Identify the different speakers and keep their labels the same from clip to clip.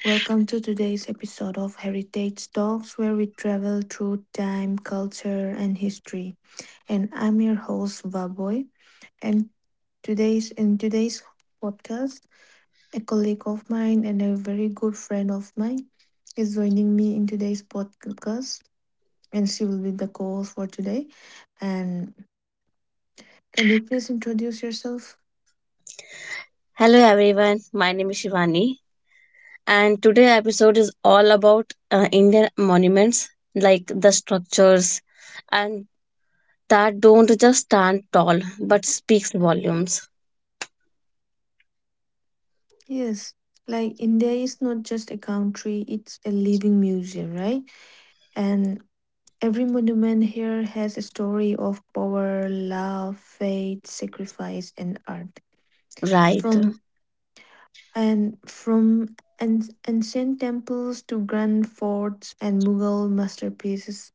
Speaker 1: Welcome to today's episode of Heritage Talks, where we travel through time, culture, and history. And I'm your host, Vaboy. And today's in today's podcast, a colleague of mine and a very good friend of mine is joining me in today's podcast, and she will be the co-host for today. And can you please introduce yourself?
Speaker 2: Hello everyone, my name is Shivani and today episode is all about Indian monuments like the structures and that don't just stand tall but speaks volumes.
Speaker 1: Yes. Like India is not just a country, it's a living museum, right? And every monument here has a story of power, love, faith, sacrifice, and art.
Speaker 2: Right.
Speaker 1: From from ancient temples to grand forts and Mughal masterpieces,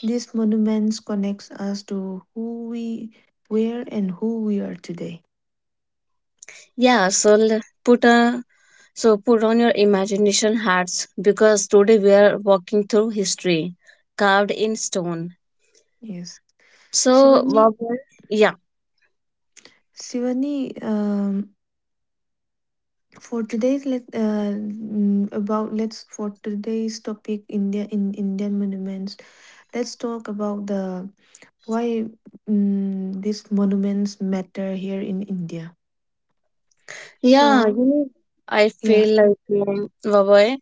Speaker 1: these monuments connects us to who we were and who we are today.
Speaker 2: Yeah, so l- put a so put on your imagination hats because today we are walking through history carved in stone.
Speaker 1: Yes,
Speaker 2: So
Speaker 1: Shivani,
Speaker 2: Vavoy, yeah.
Speaker 1: Shivani. For today's let mm, about let's for today's topic, Indian monuments. Let's talk about the why mm, these monuments matter here in India.
Speaker 2: Yeah,
Speaker 1: So,
Speaker 2: you know, I
Speaker 1: yeah,
Speaker 2: feel like Vavoy,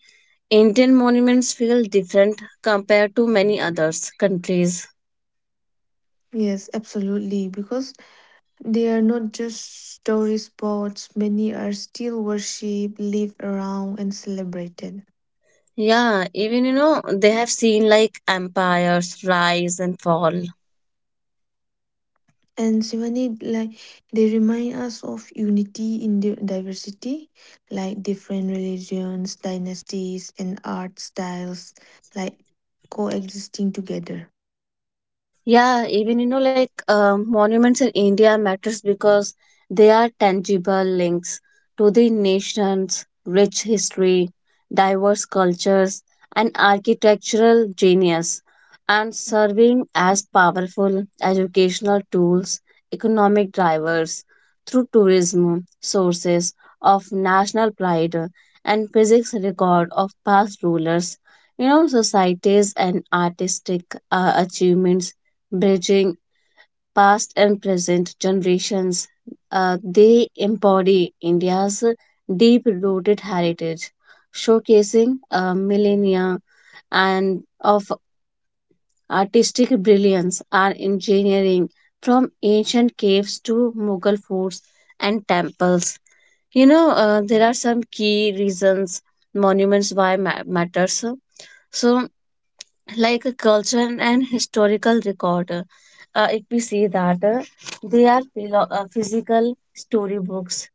Speaker 2: Indian monuments feel different compared to many others countries.
Speaker 1: yes, absolutely, because they are not just story spots, many are still worshipped, lived around, and celebrated.
Speaker 2: Yeah, even you know, they have seen like empires rise and fall.
Speaker 1: And Shivani, like they remind us of unity in the diversity, like different religions, dynasties, and art styles, like coexisting together.
Speaker 2: Yeah, even you know, like monuments in India matters because they are tangible links to the nation's rich history, diverse cultures, and architectural genius, and serving as powerful educational tools, economic drivers through tourism, sources of national pride, and physics record of past rulers. You know, societies and artistic achievements bridging past and present generations. They embody India's deep rooted heritage, showcasing a millennia and of artistic brilliance and engineering from ancient caves to Mughal forts and temples. You know, there are some key reasons monuments why matters. So like a culture and historical record. If we see that they are physical storybooks,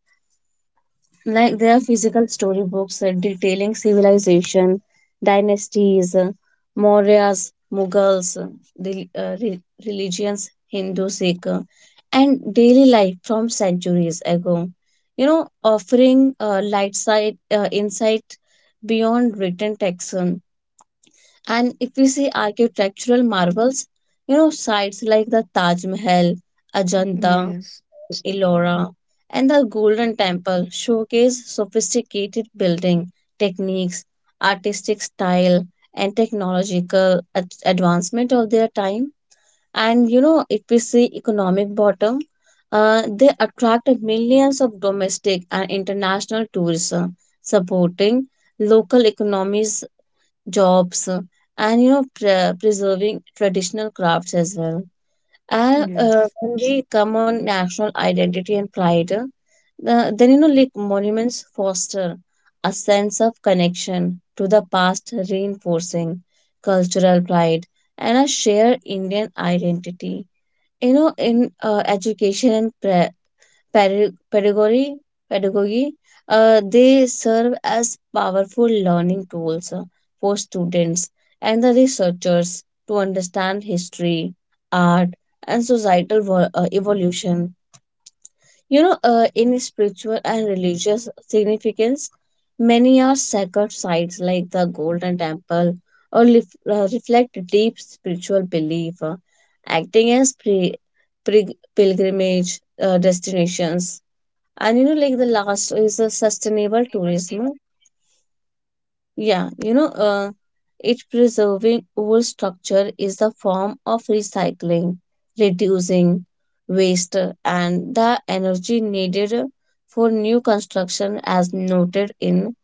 Speaker 2: like they are physical storybooks detailing civilization, dynasties, Mauryas, Mughals, the religions, Hindu, Sikh, and daily life from centuries ago. You know, offering light side insight beyond written text. And if we see architectural marvels, you know, sites like the Taj Mahal, Ajanta,
Speaker 1: Yes,
Speaker 2: Ellora, and the Golden Temple showcase sophisticated building techniques, artistic style, and technological advancement of their time. And you know, if we see economic bottom, they attract millions of domestic and international tourism, supporting local economies jobs and you know preserving traditional crafts as well. And
Speaker 1: yes.
Speaker 2: when we come on national identity and pride, then you know like monuments foster a sense of connection to the past, reinforcing cultural pride and a shared Indian identity. In education and Pedag pedagogy, pedagogy, they serve as powerful learning tools for students and the researchers to understand history, art, and societal evolution. You know, in spiritual and religious significance, many are sacred sites like the Golden Temple or reflect deep spiritual belief, acting as pilgrimage destinations. And you know, like the last is a sustainable tourism. Yeah, you know, it preserving old structure is a form of recycling, reducing waste and the energy needed for new construction as noted in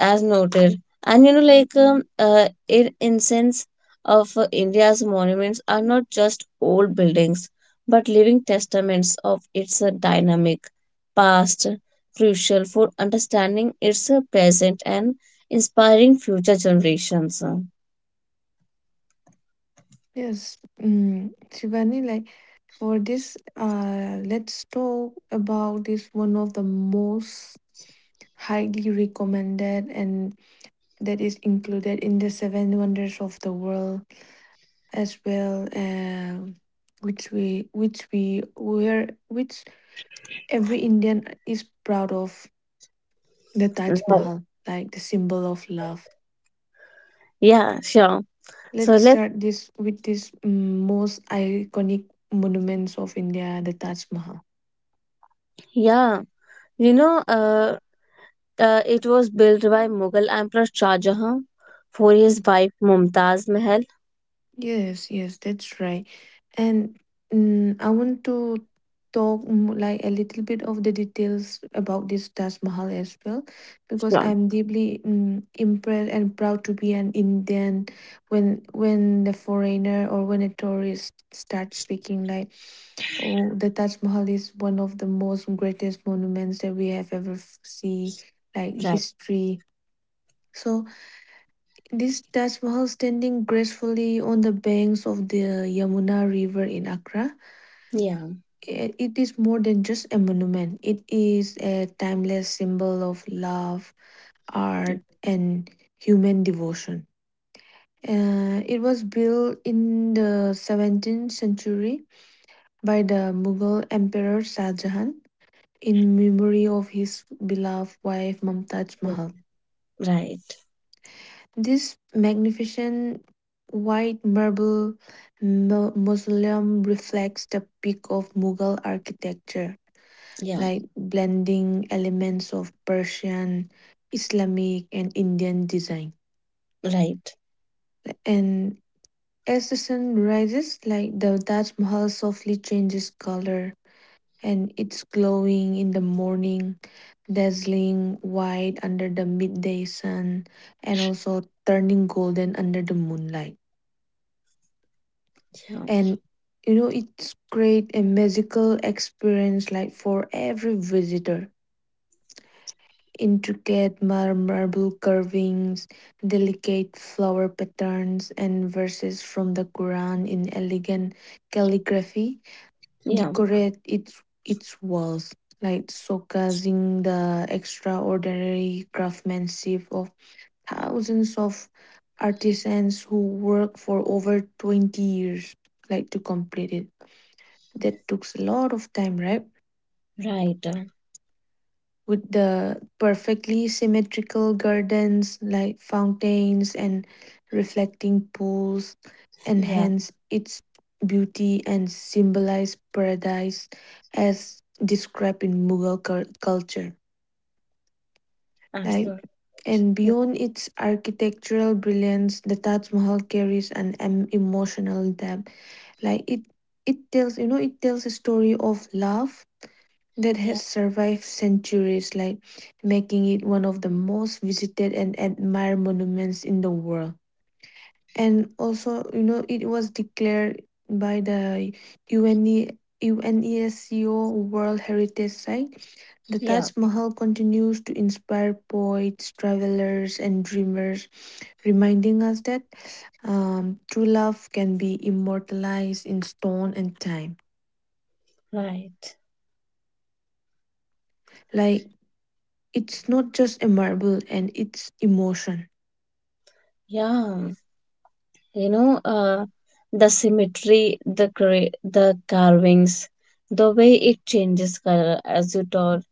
Speaker 2: as noted. And you know, like in incense of India's monuments are not just old buildings, but living testaments of its dynamic past, crucial for understanding its present and inspiring future generations.
Speaker 1: Yes, Shivani, like for this, let's talk about this one of the most highly recommended and that is included in the seven wonders of the world as well, which we where which every Indian is proud of, the Taj
Speaker 2: Right.
Speaker 1: Mahal, like the symbol of love.
Speaker 2: Yeah, sure. So
Speaker 1: Let's
Speaker 2: let's,
Speaker 1: start this with this most iconic monuments of India, the Taj Mahal.
Speaker 2: yeah, you know, it was built by Mughal Emperor Shah Jahan for his wife Mumtaz Mahal.
Speaker 1: Yes, yes, that's right. And I want to talk like a little bit of the details about this Taj Mahal as well, because
Speaker 2: Sure.
Speaker 1: I'm deeply impressed and proud to be an Indian when the foreigner or when a tourist starts speaking like, oh, the Taj Mahal is one of the most greatest monuments that we have ever see, like
Speaker 2: Right.
Speaker 1: history. So this Taj Mahal standing gracefully on the banks of the Yamuna River in Accra.
Speaker 2: Yeah.
Speaker 1: It is more than just a monument, it is a timeless symbol of love, art, and human devotion. It was built in the 17th century by the Mughal Emperor Shah Jahan in memory of his beloved wife Mumtaz Mahal.
Speaker 2: Right.
Speaker 1: This magnificent white marble mausoleum reflects the peak of Mughal architecture,
Speaker 2: Yeah.
Speaker 1: like blending elements of Persian, Islamic, and Indian design.
Speaker 2: Right.
Speaker 1: And as the sun rises, like the Taj Mahal softly changes color and it's glowing in the morning, dazzling white under the midday sun, and also turning golden under the moonlight.
Speaker 2: Yeah.
Speaker 1: And you know it's create a magical experience like for every visitor, intricate marble carvings, delicate flower patterns, and verses from the Quran in elegant calligraphy
Speaker 2: Yeah.
Speaker 1: decorate its walls, like showcasing the extraordinary craftsmanship of thousands of artisans who work for over 20 years like to complete it, that took a lot of time, right?
Speaker 2: Right.
Speaker 1: With the perfectly symmetrical gardens like fountains and reflecting pools,
Speaker 2: Yeah.
Speaker 1: enhance its beauty and symbolize paradise as described in Mughal culture. Like,
Speaker 2: Absolutely.
Speaker 1: and beyond its architectural brilliance, the Taj Mahal carries an emotional depth. Like it tells a story of love that
Speaker 2: Yeah.
Speaker 1: has survived centuries, like making it one of the most visited and admired monuments in the world. And also, it was declared by the UNE, UNESCO World Heritage Site. The
Speaker 2: Yeah.
Speaker 1: Taj Mahal continues to inspire poets, travelers, and dreamers, reminding us that true love can be immortalized in stone and time.
Speaker 2: Right.
Speaker 1: Like it's not just a marble and it's emotion.
Speaker 2: Yeah. You know, the symmetry, the carvings, the way it changes color as you told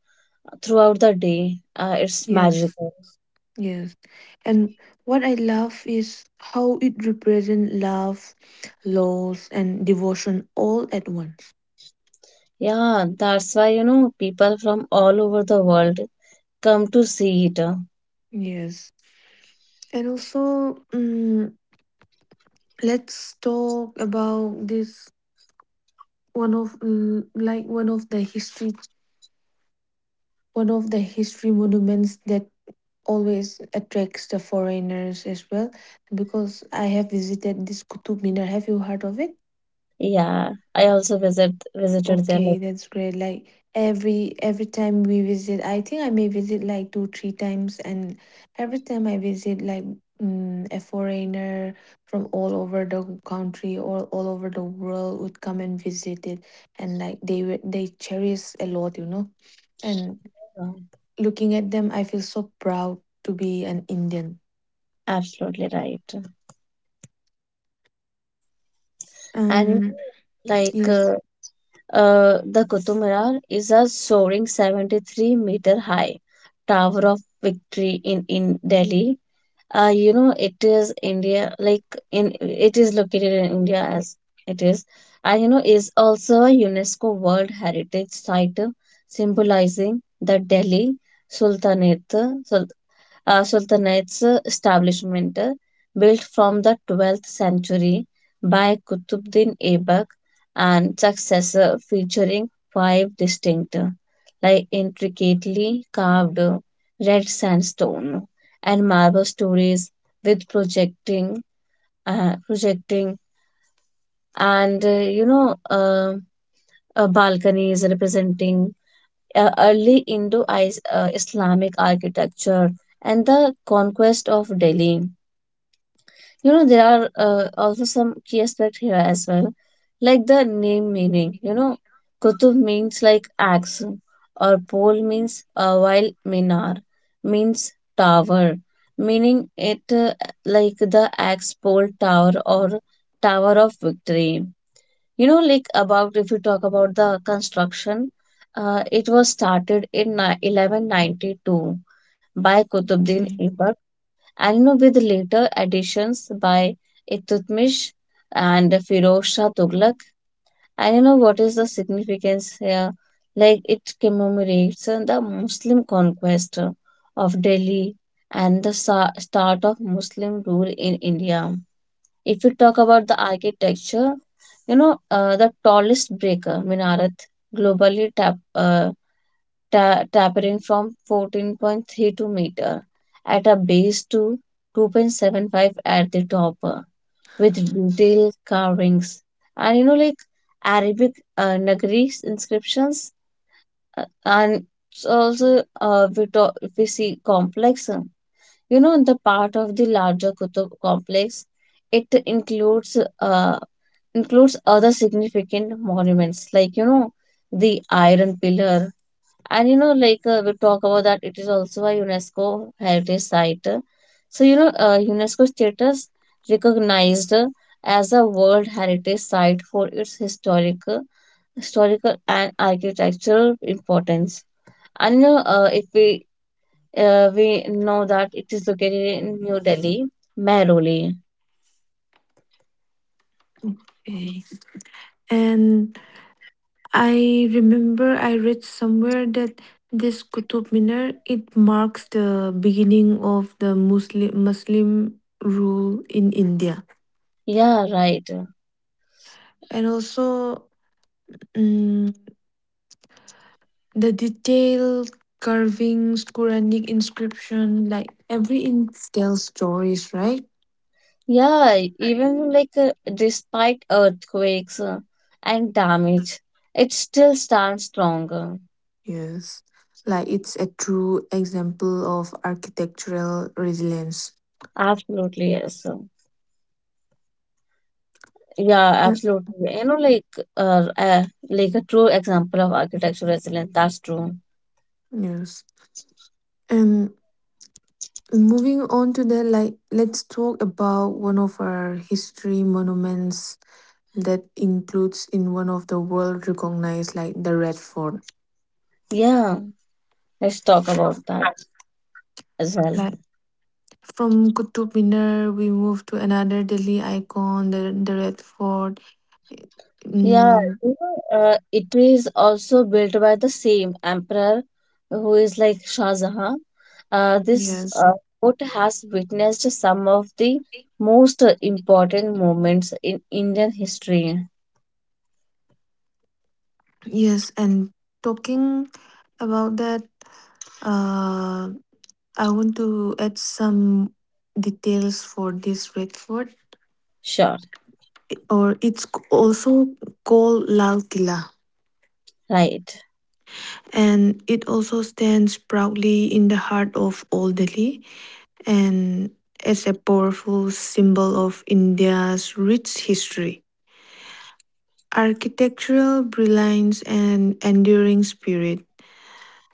Speaker 2: throughout the day, it's
Speaker 1: Yes,
Speaker 2: magical.
Speaker 1: yes. And what I love is how it represents love, loss, and devotion all at once.
Speaker 2: Yeah. That's why, you know, people from all over the world come to see it.
Speaker 1: Yes, and also, mm let's talk about this one of mm, like one of the history one of the history monuments that always attracts the foreigners as well, because I have visited this Kutub Minar. Have you heard of it?
Speaker 2: Yeah. I also visited there.
Speaker 1: Okay, that's great. Like every time we visit, I think I may visit like two, three times, and every time I visit, like, a foreigner from all over the country or all over the world would come and visit it, and like they they cherish a lot. And
Speaker 2: Uh,
Speaker 1: looking at them, I feel so proud to be an Indian.
Speaker 2: Absolutely right. And
Speaker 1: Um,
Speaker 2: like
Speaker 1: yes.
Speaker 2: the Qutub Minar is a soaring 73-meter high tower of victory in Delhi. You know it is India like in it is located in India as it is, and you know is also a UNESCO World Heritage Site symbolizing the Delhi Sultanate Sultanate's establishment, built from the 12th century by Qutbuddin Aibak, and successor featuring five distinct, like intricately carved red sandstone and marble stories with projecting, and balconies representing early Indo-Islamic architecture and the conquest of Delhi. You know, there are also some key aspect here as well, like the name meaning. You know, Kutub means like axe, or pole means while minar means tower, meaning it like the axe pole tower or tower of victory. You know, like about if you talk about the construction, it was started in 1192 by Kutubuddin
Speaker 1: Okay.
Speaker 2: Aibak and with later additions by Iltutmish and Firoz Shah Tughlaq. And you know what is the significance here? Like it commemorates the Muslim conquest of Delhi and the start of Muslim rule in India. If you talk about the architecture, you know the tallest breaker, Minarat, globally tapering from 14.32 meter at a base to 2.75 at the top, with detailed carvings and you know like Arabic Nagari inscriptions, and it's also we see complex, you know the part of the larger Qutub complex, it includes other significant monuments like you know the iron pillar. And you know, like we talk about that, it is also a UNESCO heritage site. So, you know, UNESCO status recognized as a World Heritage Site for its historical and architectural importance. And you know, if we we know that it is located in New Delhi, Mehrauli.
Speaker 1: Okay. And I remember I read somewhere that this Qutub Minar, it marks the beginning of the Muslim rule in India,
Speaker 2: Yeah, right.
Speaker 1: and also, mm, the detailed carvings, Quranic inscription, like every inch tells stories, right?
Speaker 2: Yeah, even like despite earthquakes and damage, it still stands strong.
Speaker 1: Yes, like it's a true example of architectural resilience.
Speaker 2: Absolutely, yes. Yeah,
Speaker 1: Uh,
Speaker 2: absolutely. You know, like a true example of architecture resilience. That's true.
Speaker 1: yes. And moving on to the like, let's talk about one of our history monuments that includes in one of the world recognized like the Red Fort.
Speaker 2: Yeah, let's talk about that as well.
Speaker 1: Like from Qutub Minar, we move to another Delhi icon, the Red Fort.
Speaker 2: Yeah,
Speaker 1: Mm,
Speaker 2: you know, it is also built by the same emperor who is like Shah Jahan. Uh, this
Speaker 1: yes,
Speaker 2: uh, fort has witnessed some of the most important moments in Indian history.
Speaker 1: yes, and talking about that, uh, I want to add some details for this Red Fort,
Speaker 2: Sure,
Speaker 1: or it's also called Lal Killa.
Speaker 2: right.
Speaker 1: And it also stands proudly in the heart of Old Delhi and as a powerful symbol of India's rich history, architectural brilliance, and enduring spirit.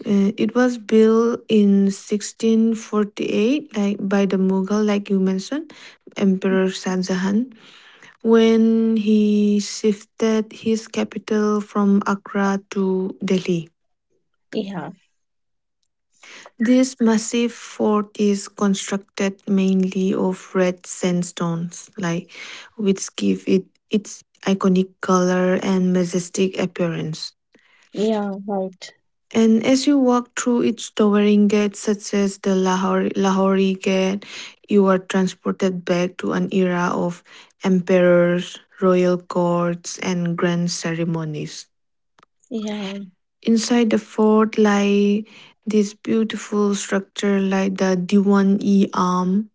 Speaker 1: It was built in 1648, like by the Mughal, like you mentioned, Emperor Shah Jahan, when he shifted his capital from Agra to Delhi.
Speaker 2: Yeah,
Speaker 1: This massive fort is constructed mainly of red sandstones, like which give it its iconic color and majestic appearance.
Speaker 2: yeah, right.
Speaker 1: And as you walk through its towering gates, such as the Lahori Gate, you are transported back to an era of emperors, royal courts, and grand ceremonies.
Speaker 2: Yeah.
Speaker 1: Inside the fort lie this beautiful structure like the Diwan-e Am,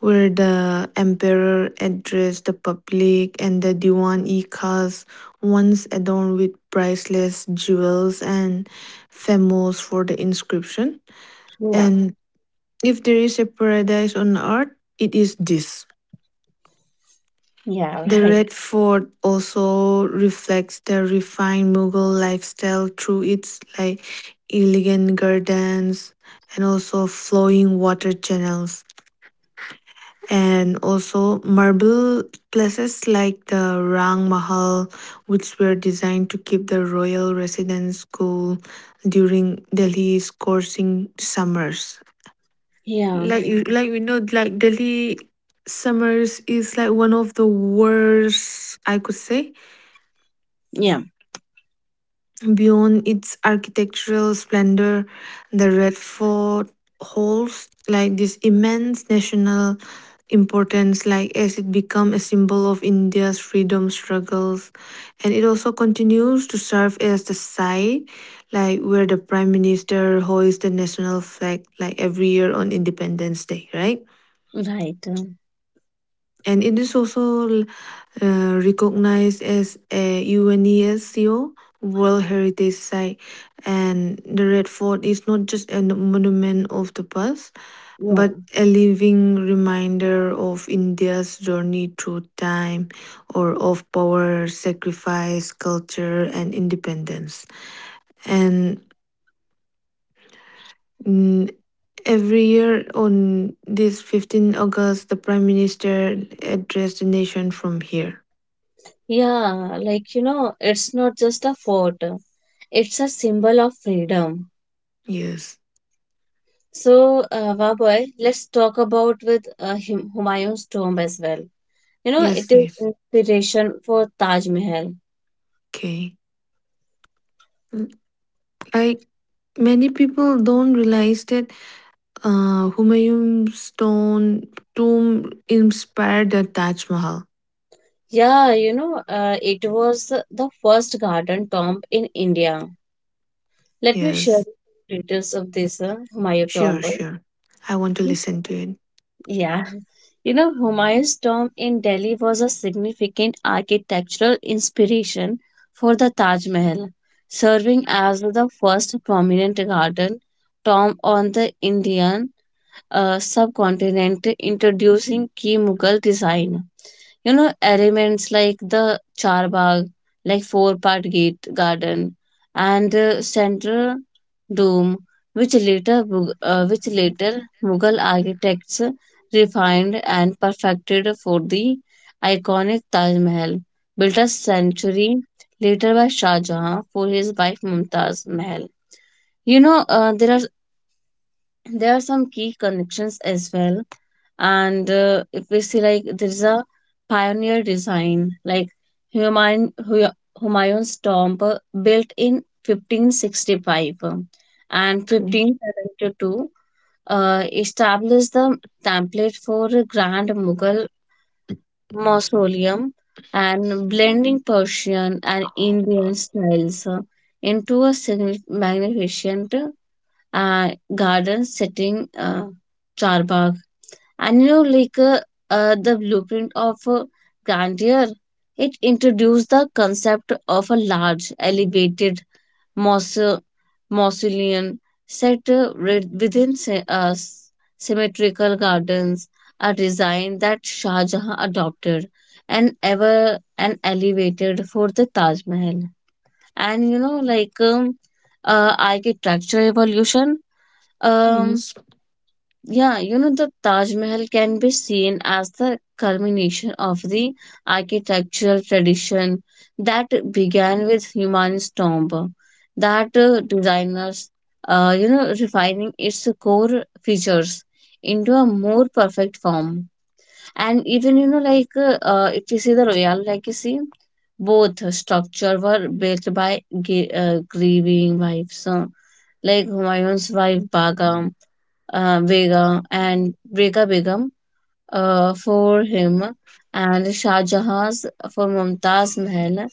Speaker 1: where the emperor addressed the public, and the Diwan-i-Khas, once adorned with priceless jewels and famous for the inscription.
Speaker 2: Yeah.
Speaker 1: And if there is a paradise on earth, it is this.
Speaker 2: Yeah,
Speaker 1: The
Speaker 2: right.
Speaker 1: Red Fort also reflects the refined Mughal lifestyle through its like elegant gardens and also flowing water channels, and also marble places like the Rang Mahal, which were designed to keep the royal residence cool during Delhi's scorching summers.
Speaker 2: Yeah,
Speaker 1: Like, you like we know, like Delhi summers is like one of the worst I could say.
Speaker 2: yeah,
Speaker 1: Beyond its architectural splendor, the Red Fort holds like this immense national importance, like, as it become a symbol of India's freedom struggles, and it also continues to serve as the site like where the prime minister hoists the national flag like every year on Independence Day, right?
Speaker 2: right.
Speaker 1: And it is also recognized as a UNESCO World Heritage Site. And the Red Fort is not just a monument of the past,
Speaker 2: Yeah,
Speaker 1: but a living reminder of India's journey through time or of power, sacrifice, culture, and independence. And mm, every year on this 15th August, the Prime Minister addressed the nation from here.
Speaker 2: yeah, like you know, it's not just a fort, it's a symbol of freedom.
Speaker 1: Yes.
Speaker 2: So, Vaboy, let's talk about with Humayun's tomb as well. You know,
Speaker 1: Yes,
Speaker 2: it is
Speaker 1: yes.
Speaker 2: inspiration for Taj Mahal.
Speaker 1: Okay. Mm, Like many people don't realize that, Humayun's stone tomb inspired the Taj Mahal.
Speaker 2: Yeah, you know, it was the first garden tomb in India. Let me share
Speaker 1: Yes.
Speaker 2: details of this Humayun tomb.
Speaker 1: Sure, sure. I want to listen to it.
Speaker 2: Yeah. You know, Humayun's tomb in Delhi was a significant architectural inspiration for the Taj Mahal, serving as the first prominent garden tomb on the Indian subcontinent, introducing key Mughal design. You know, elements like the charbagh, like four-part gate garden, and central dome, which later Mughal architects refined and perfected for the iconic Taj Mahal, built a century later by Shah Jahan for his wife Mumtaz Mahal. You know, there are some key connections as well. And if we see like there is a pioneer design like Humayun, Hu- Humayun's tomb built in 1565 and
Speaker 1: Okay.
Speaker 2: 1572 established the template for a grand Mughal mausoleum and blending Persian and Indian styles into a magnificent and garden setting, Charbagh. And you know, like the blueprint of grandeur, it introduced the concept of a large, elevated mause- mausoleum set within symmetrical gardens, a design that Shah Jahan adopted and elevated for the Taj Mahal. And you know, like architecture evolution. um,
Speaker 1: Yes.
Speaker 2: yeah, you know, the Taj Mahal can be seen as the culmination of the architectural tradition that began with Humayun's tomb, that designers, you know, refining its core features into a more perfect form. And even, you know, like if you see the royal legacy, both structure were built by grieving wives, like Humayun's wife Begum Vega Begum for him and Shah Jahan's for Mumtaz Mahal,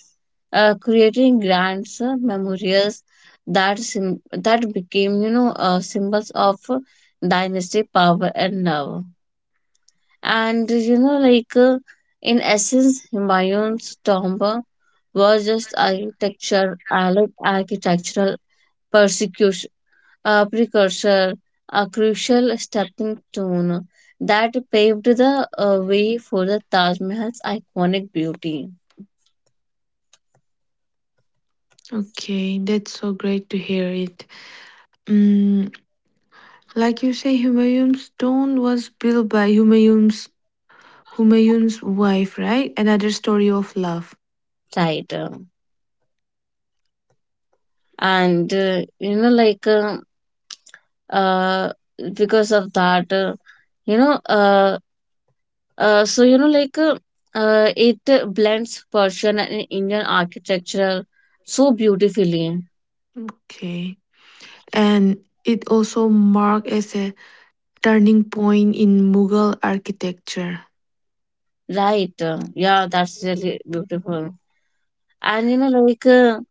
Speaker 2: creating grand memorials that became you know symbols of dynasty power and love. And you know like in essence, Humayun's tomb was just architecture, architectural persecution, a precursor, a crucial stepping stone that paved the way for the Taj Mahal's iconic beauty.
Speaker 1: Okay, that's so great to hear it. Mm, Like you say, Humayun's tomb was built by Humayun's wife, right? Another story of love.
Speaker 2: Right. And, you know, like, uh, because of that, you know, so, you know, like, it blends Persian and Indian architecture so beautifully.
Speaker 1: Okay. And it also marked as a turning point in Mughal architecture.
Speaker 2: Right. Yeah, that's really beautiful. And, you know, like, uh,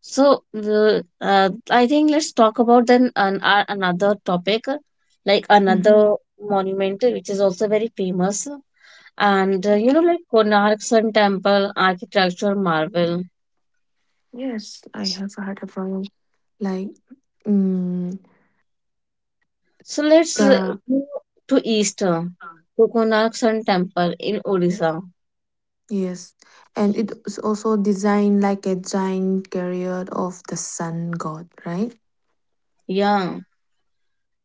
Speaker 2: So, the- uh, I think let's talk about then another topic, like another
Speaker 1: Mhm.
Speaker 2: monument which is also very famous, and you know,
Speaker 1: Okay.
Speaker 2: like Konark Sun Temple, architectural marvel.
Speaker 1: Yes, I have heard about, like, mm,
Speaker 2: So let's
Speaker 1: the
Speaker 2: go to east, to Konark Sun Temple in Odisha.
Speaker 1: yes, and it is also designed like a giant chariot of the sun god, right?
Speaker 2: Yeah,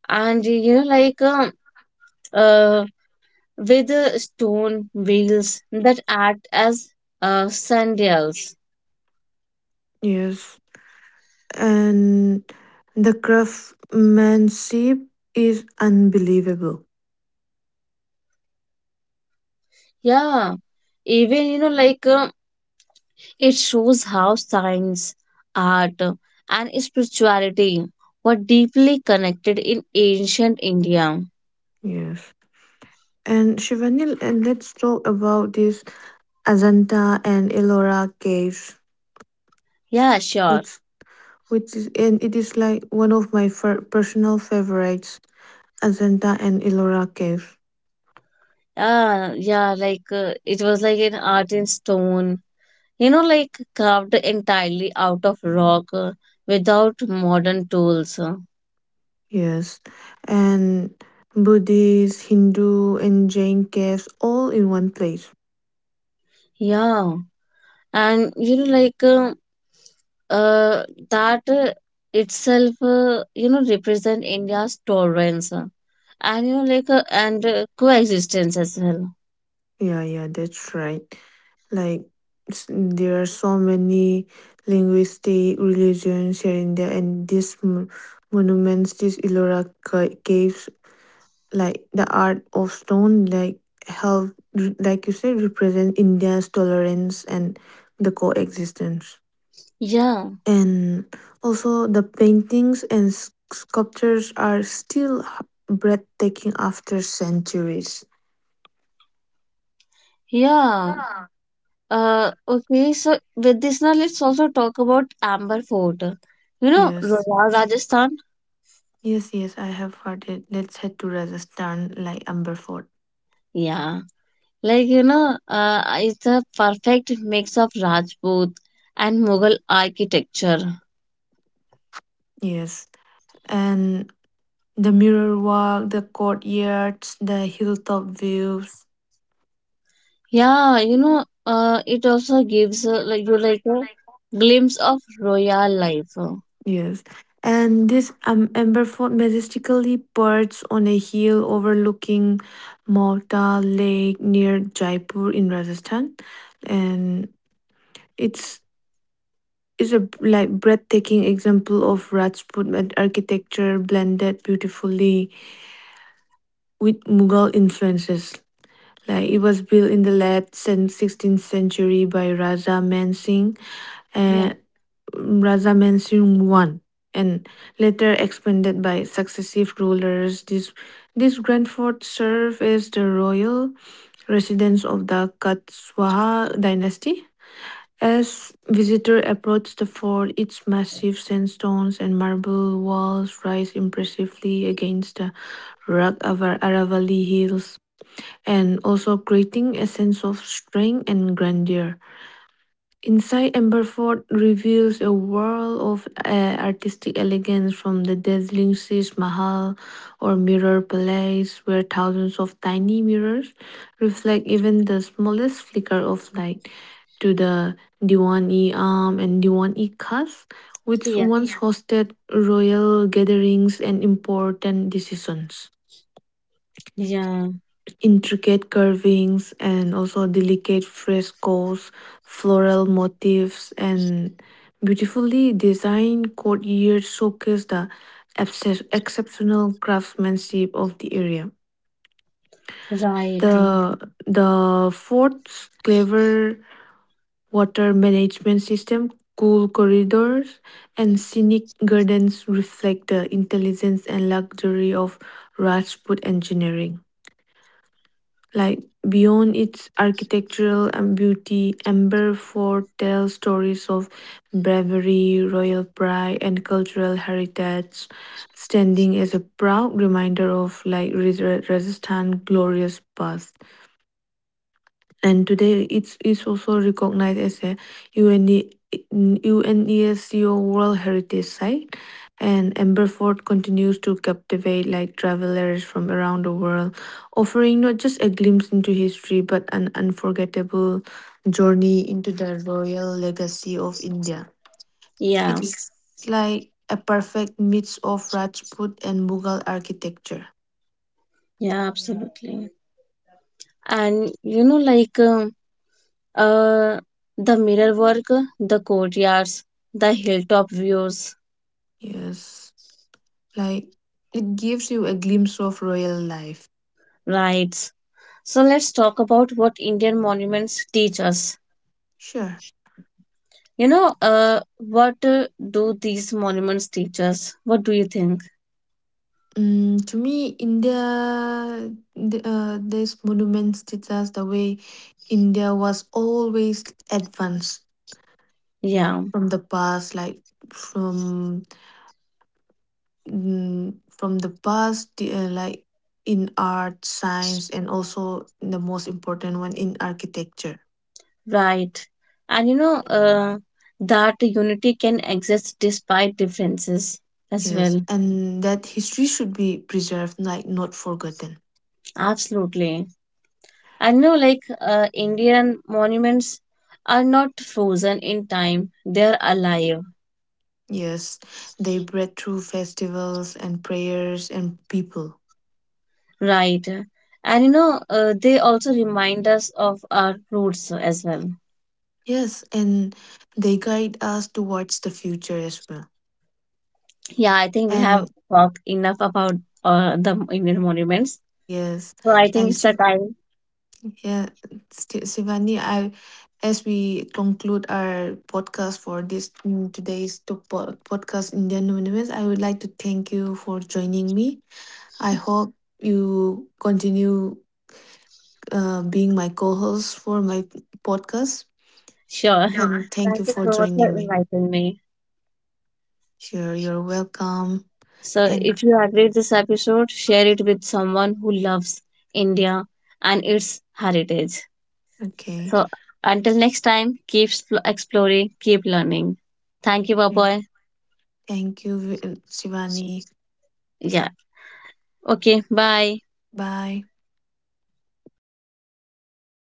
Speaker 2: and you know, like uh, with stone wheels that act as sandals.
Speaker 1: Yes. And the craftsmanship is unbelievable.
Speaker 2: Yeah, even you know, it shows how science, art, and spirituality were deeply connected in ancient India.
Speaker 1: Yes. And Shivani, and let's talk about this Ajanta and Ellora caves,
Speaker 2: Yeah, sure.
Speaker 1: which which is and it is like one of my personal favorites, Ajanta and Ellora caves.
Speaker 2: Yeah, yeah, like it was like an art in stone, you know, like carved entirely out of rock without modern tools.
Speaker 1: Yes, and Buddhist, Hindu, and Jain caves all in one place.
Speaker 2: Yeah, and you know, like uh, that itself, you know, represent India's tolerance and you know, like and coexistence as well.
Speaker 1: Yeah, yeah, that's right. Like there are so many linguistic religions here in there, and these monuments, these Ellora caves, like the art of stone, like like you said, represent India's tolerance and the coexistence.
Speaker 2: Yeah,
Speaker 1: And also, the paintings and sculptures are still breathtaking after centuries.
Speaker 2: yeah. Okay, so with this now, let's also talk about Amber Fort. You know,
Speaker 1: Yes.
Speaker 2: royal Rajasthan?
Speaker 1: Yes, yes, I have heard it. Let's head to Rajasthan, like Amber Fort.
Speaker 2: Yeah. Like, you know, it's a perfect mix of Rajput and Mughal architecture.
Speaker 1: Yes. And the mirror walk, the courtyards, the hilltop views.
Speaker 2: Yeah, you know, it also gives like you like a glimpse of royal life.
Speaker 1: Yes. And this Amber Fort majestically perched on a hill overlooking Malta Lake near Jaipur in Rajasthan. And it's it's a like breathtaking example of Rajput architecture blended beautifully with Mughal influences. Like it was built in the late 16th century by
Speaker 2: Yeah.
Speaker 1: and Raja Man Singh I and later expanded by successive rulers. This grand fort served as the royal residence of the Katswaha dynasty. As visitor approached the fort, its massive sandstones and marble walls rise impressively against the rugged Aravalli Hills, and also creating a sense of strength and grandeur. Inside Amberford reveals a world of artistic elegance, from the dazzling Sis Mahal or Mirror Palace, where thousands of tiny mirrors reflect even the smallest flicker of light, to the Diwan-e Am and Diwan-e Khas, which
Speaker 2: Yeah,
Speaker 1: once hosted royal gatherings and important decisions.
Speaker 2: yeah,
Speaker 1: Intricate carvings and also delicate frescoes, floral motifs, and beautifully designed courtyards showcase the exceptional craftsmanship of the area.
Speaker 2: right.
Speaker 1: The the fort's clever water management system, cool corridors, and scenic gardens reflect the intelligence and luxury of Rajput engineering. Like beyond its architectural and beauty, Amber Fort tells stories of bravery, royal pride, and cultural heritage, standing as a proud reminder of like resistant glorious past, and today it is also recognized as a UNE, UNESCO World Heritage Site. And Amberford continues to captivate like travelers from around the world, offering not just a glimpse into history but an unforgettable journey into the royal legacy of India.
Speaker 2: Yeah,
Speaker 1: It's like a perfect mix of Rajput and Mughal architecture.
Speaker 2: yeah, absolutely. And you know, Uh, the mirror work, the courtyards, the hilltop views,
Speaker 1: Yes, like it gives you a glimpse of royal life.
Speaker 2: rides. So let's talk about what Indian monuments teach us.
Speaker 1: Sure.
Speaker 2: You know, what do these monuments teach us? What do you think?
Speaker 1: To me, India, these monuments teach us the way India was always advanced
Speaker 2: Yeah,
Speaker 1: from the past, like, from mm, from the past, the, like in art, science, and also the most important one in architecture.
Speaker 2: right. And you know, that unity can exist despite differences as
Speaker 1: Yes,
Speaker 2: well.
Speaker 1: and that history should be preserved, like not forgotten.
Speaker 2: Absolutely. I know, like, Indian monuments are not frozen in time, they are alive.
Speaker 1: Yes, they bred through festivals and prayers and people.
Speaker 2: Right. And you know, they also remind us of our roots as well.
Speaker 1: Yes, and they guide us towards the future as well.
Speaker 2: Yeah, I think we have
Speaker 1: And
Speaker 2: talked enough about the Indian monuments.
Speaker 1: yes,
Speaker 2: So I think
Speaker 1: and
Speaker 2: it's the time.
Speaker 1: Yeah, Shivani, I as we conclude our podcast for this today's podcast Indian Monuments, I would like to thank you for joining me. I hope you continue being my co-host for my podcast.
Speaker 2: Sure.
Speaker 1: Sure. And sure, thank you
Speaker 2: Thank you
Speaker 1: for
Speaker 2: so much for
Speaker 1: joining me.
Speaker 2: inviting me.
Speaker 1: Sure, you're welcome.
Speaker 2: So
Speaker 1: And
Speaker 2: if you agreed this episode, share it with someone who loves India and its heritage.
Speaker 1: okay.
Speaker 2: So until next time, exploring, keep learning. Thank you, Bye.
Speaker 1: Thank you, Shivani.
Speaker 2: Yeah. Okay. Bye.
Speaker 1: Bye.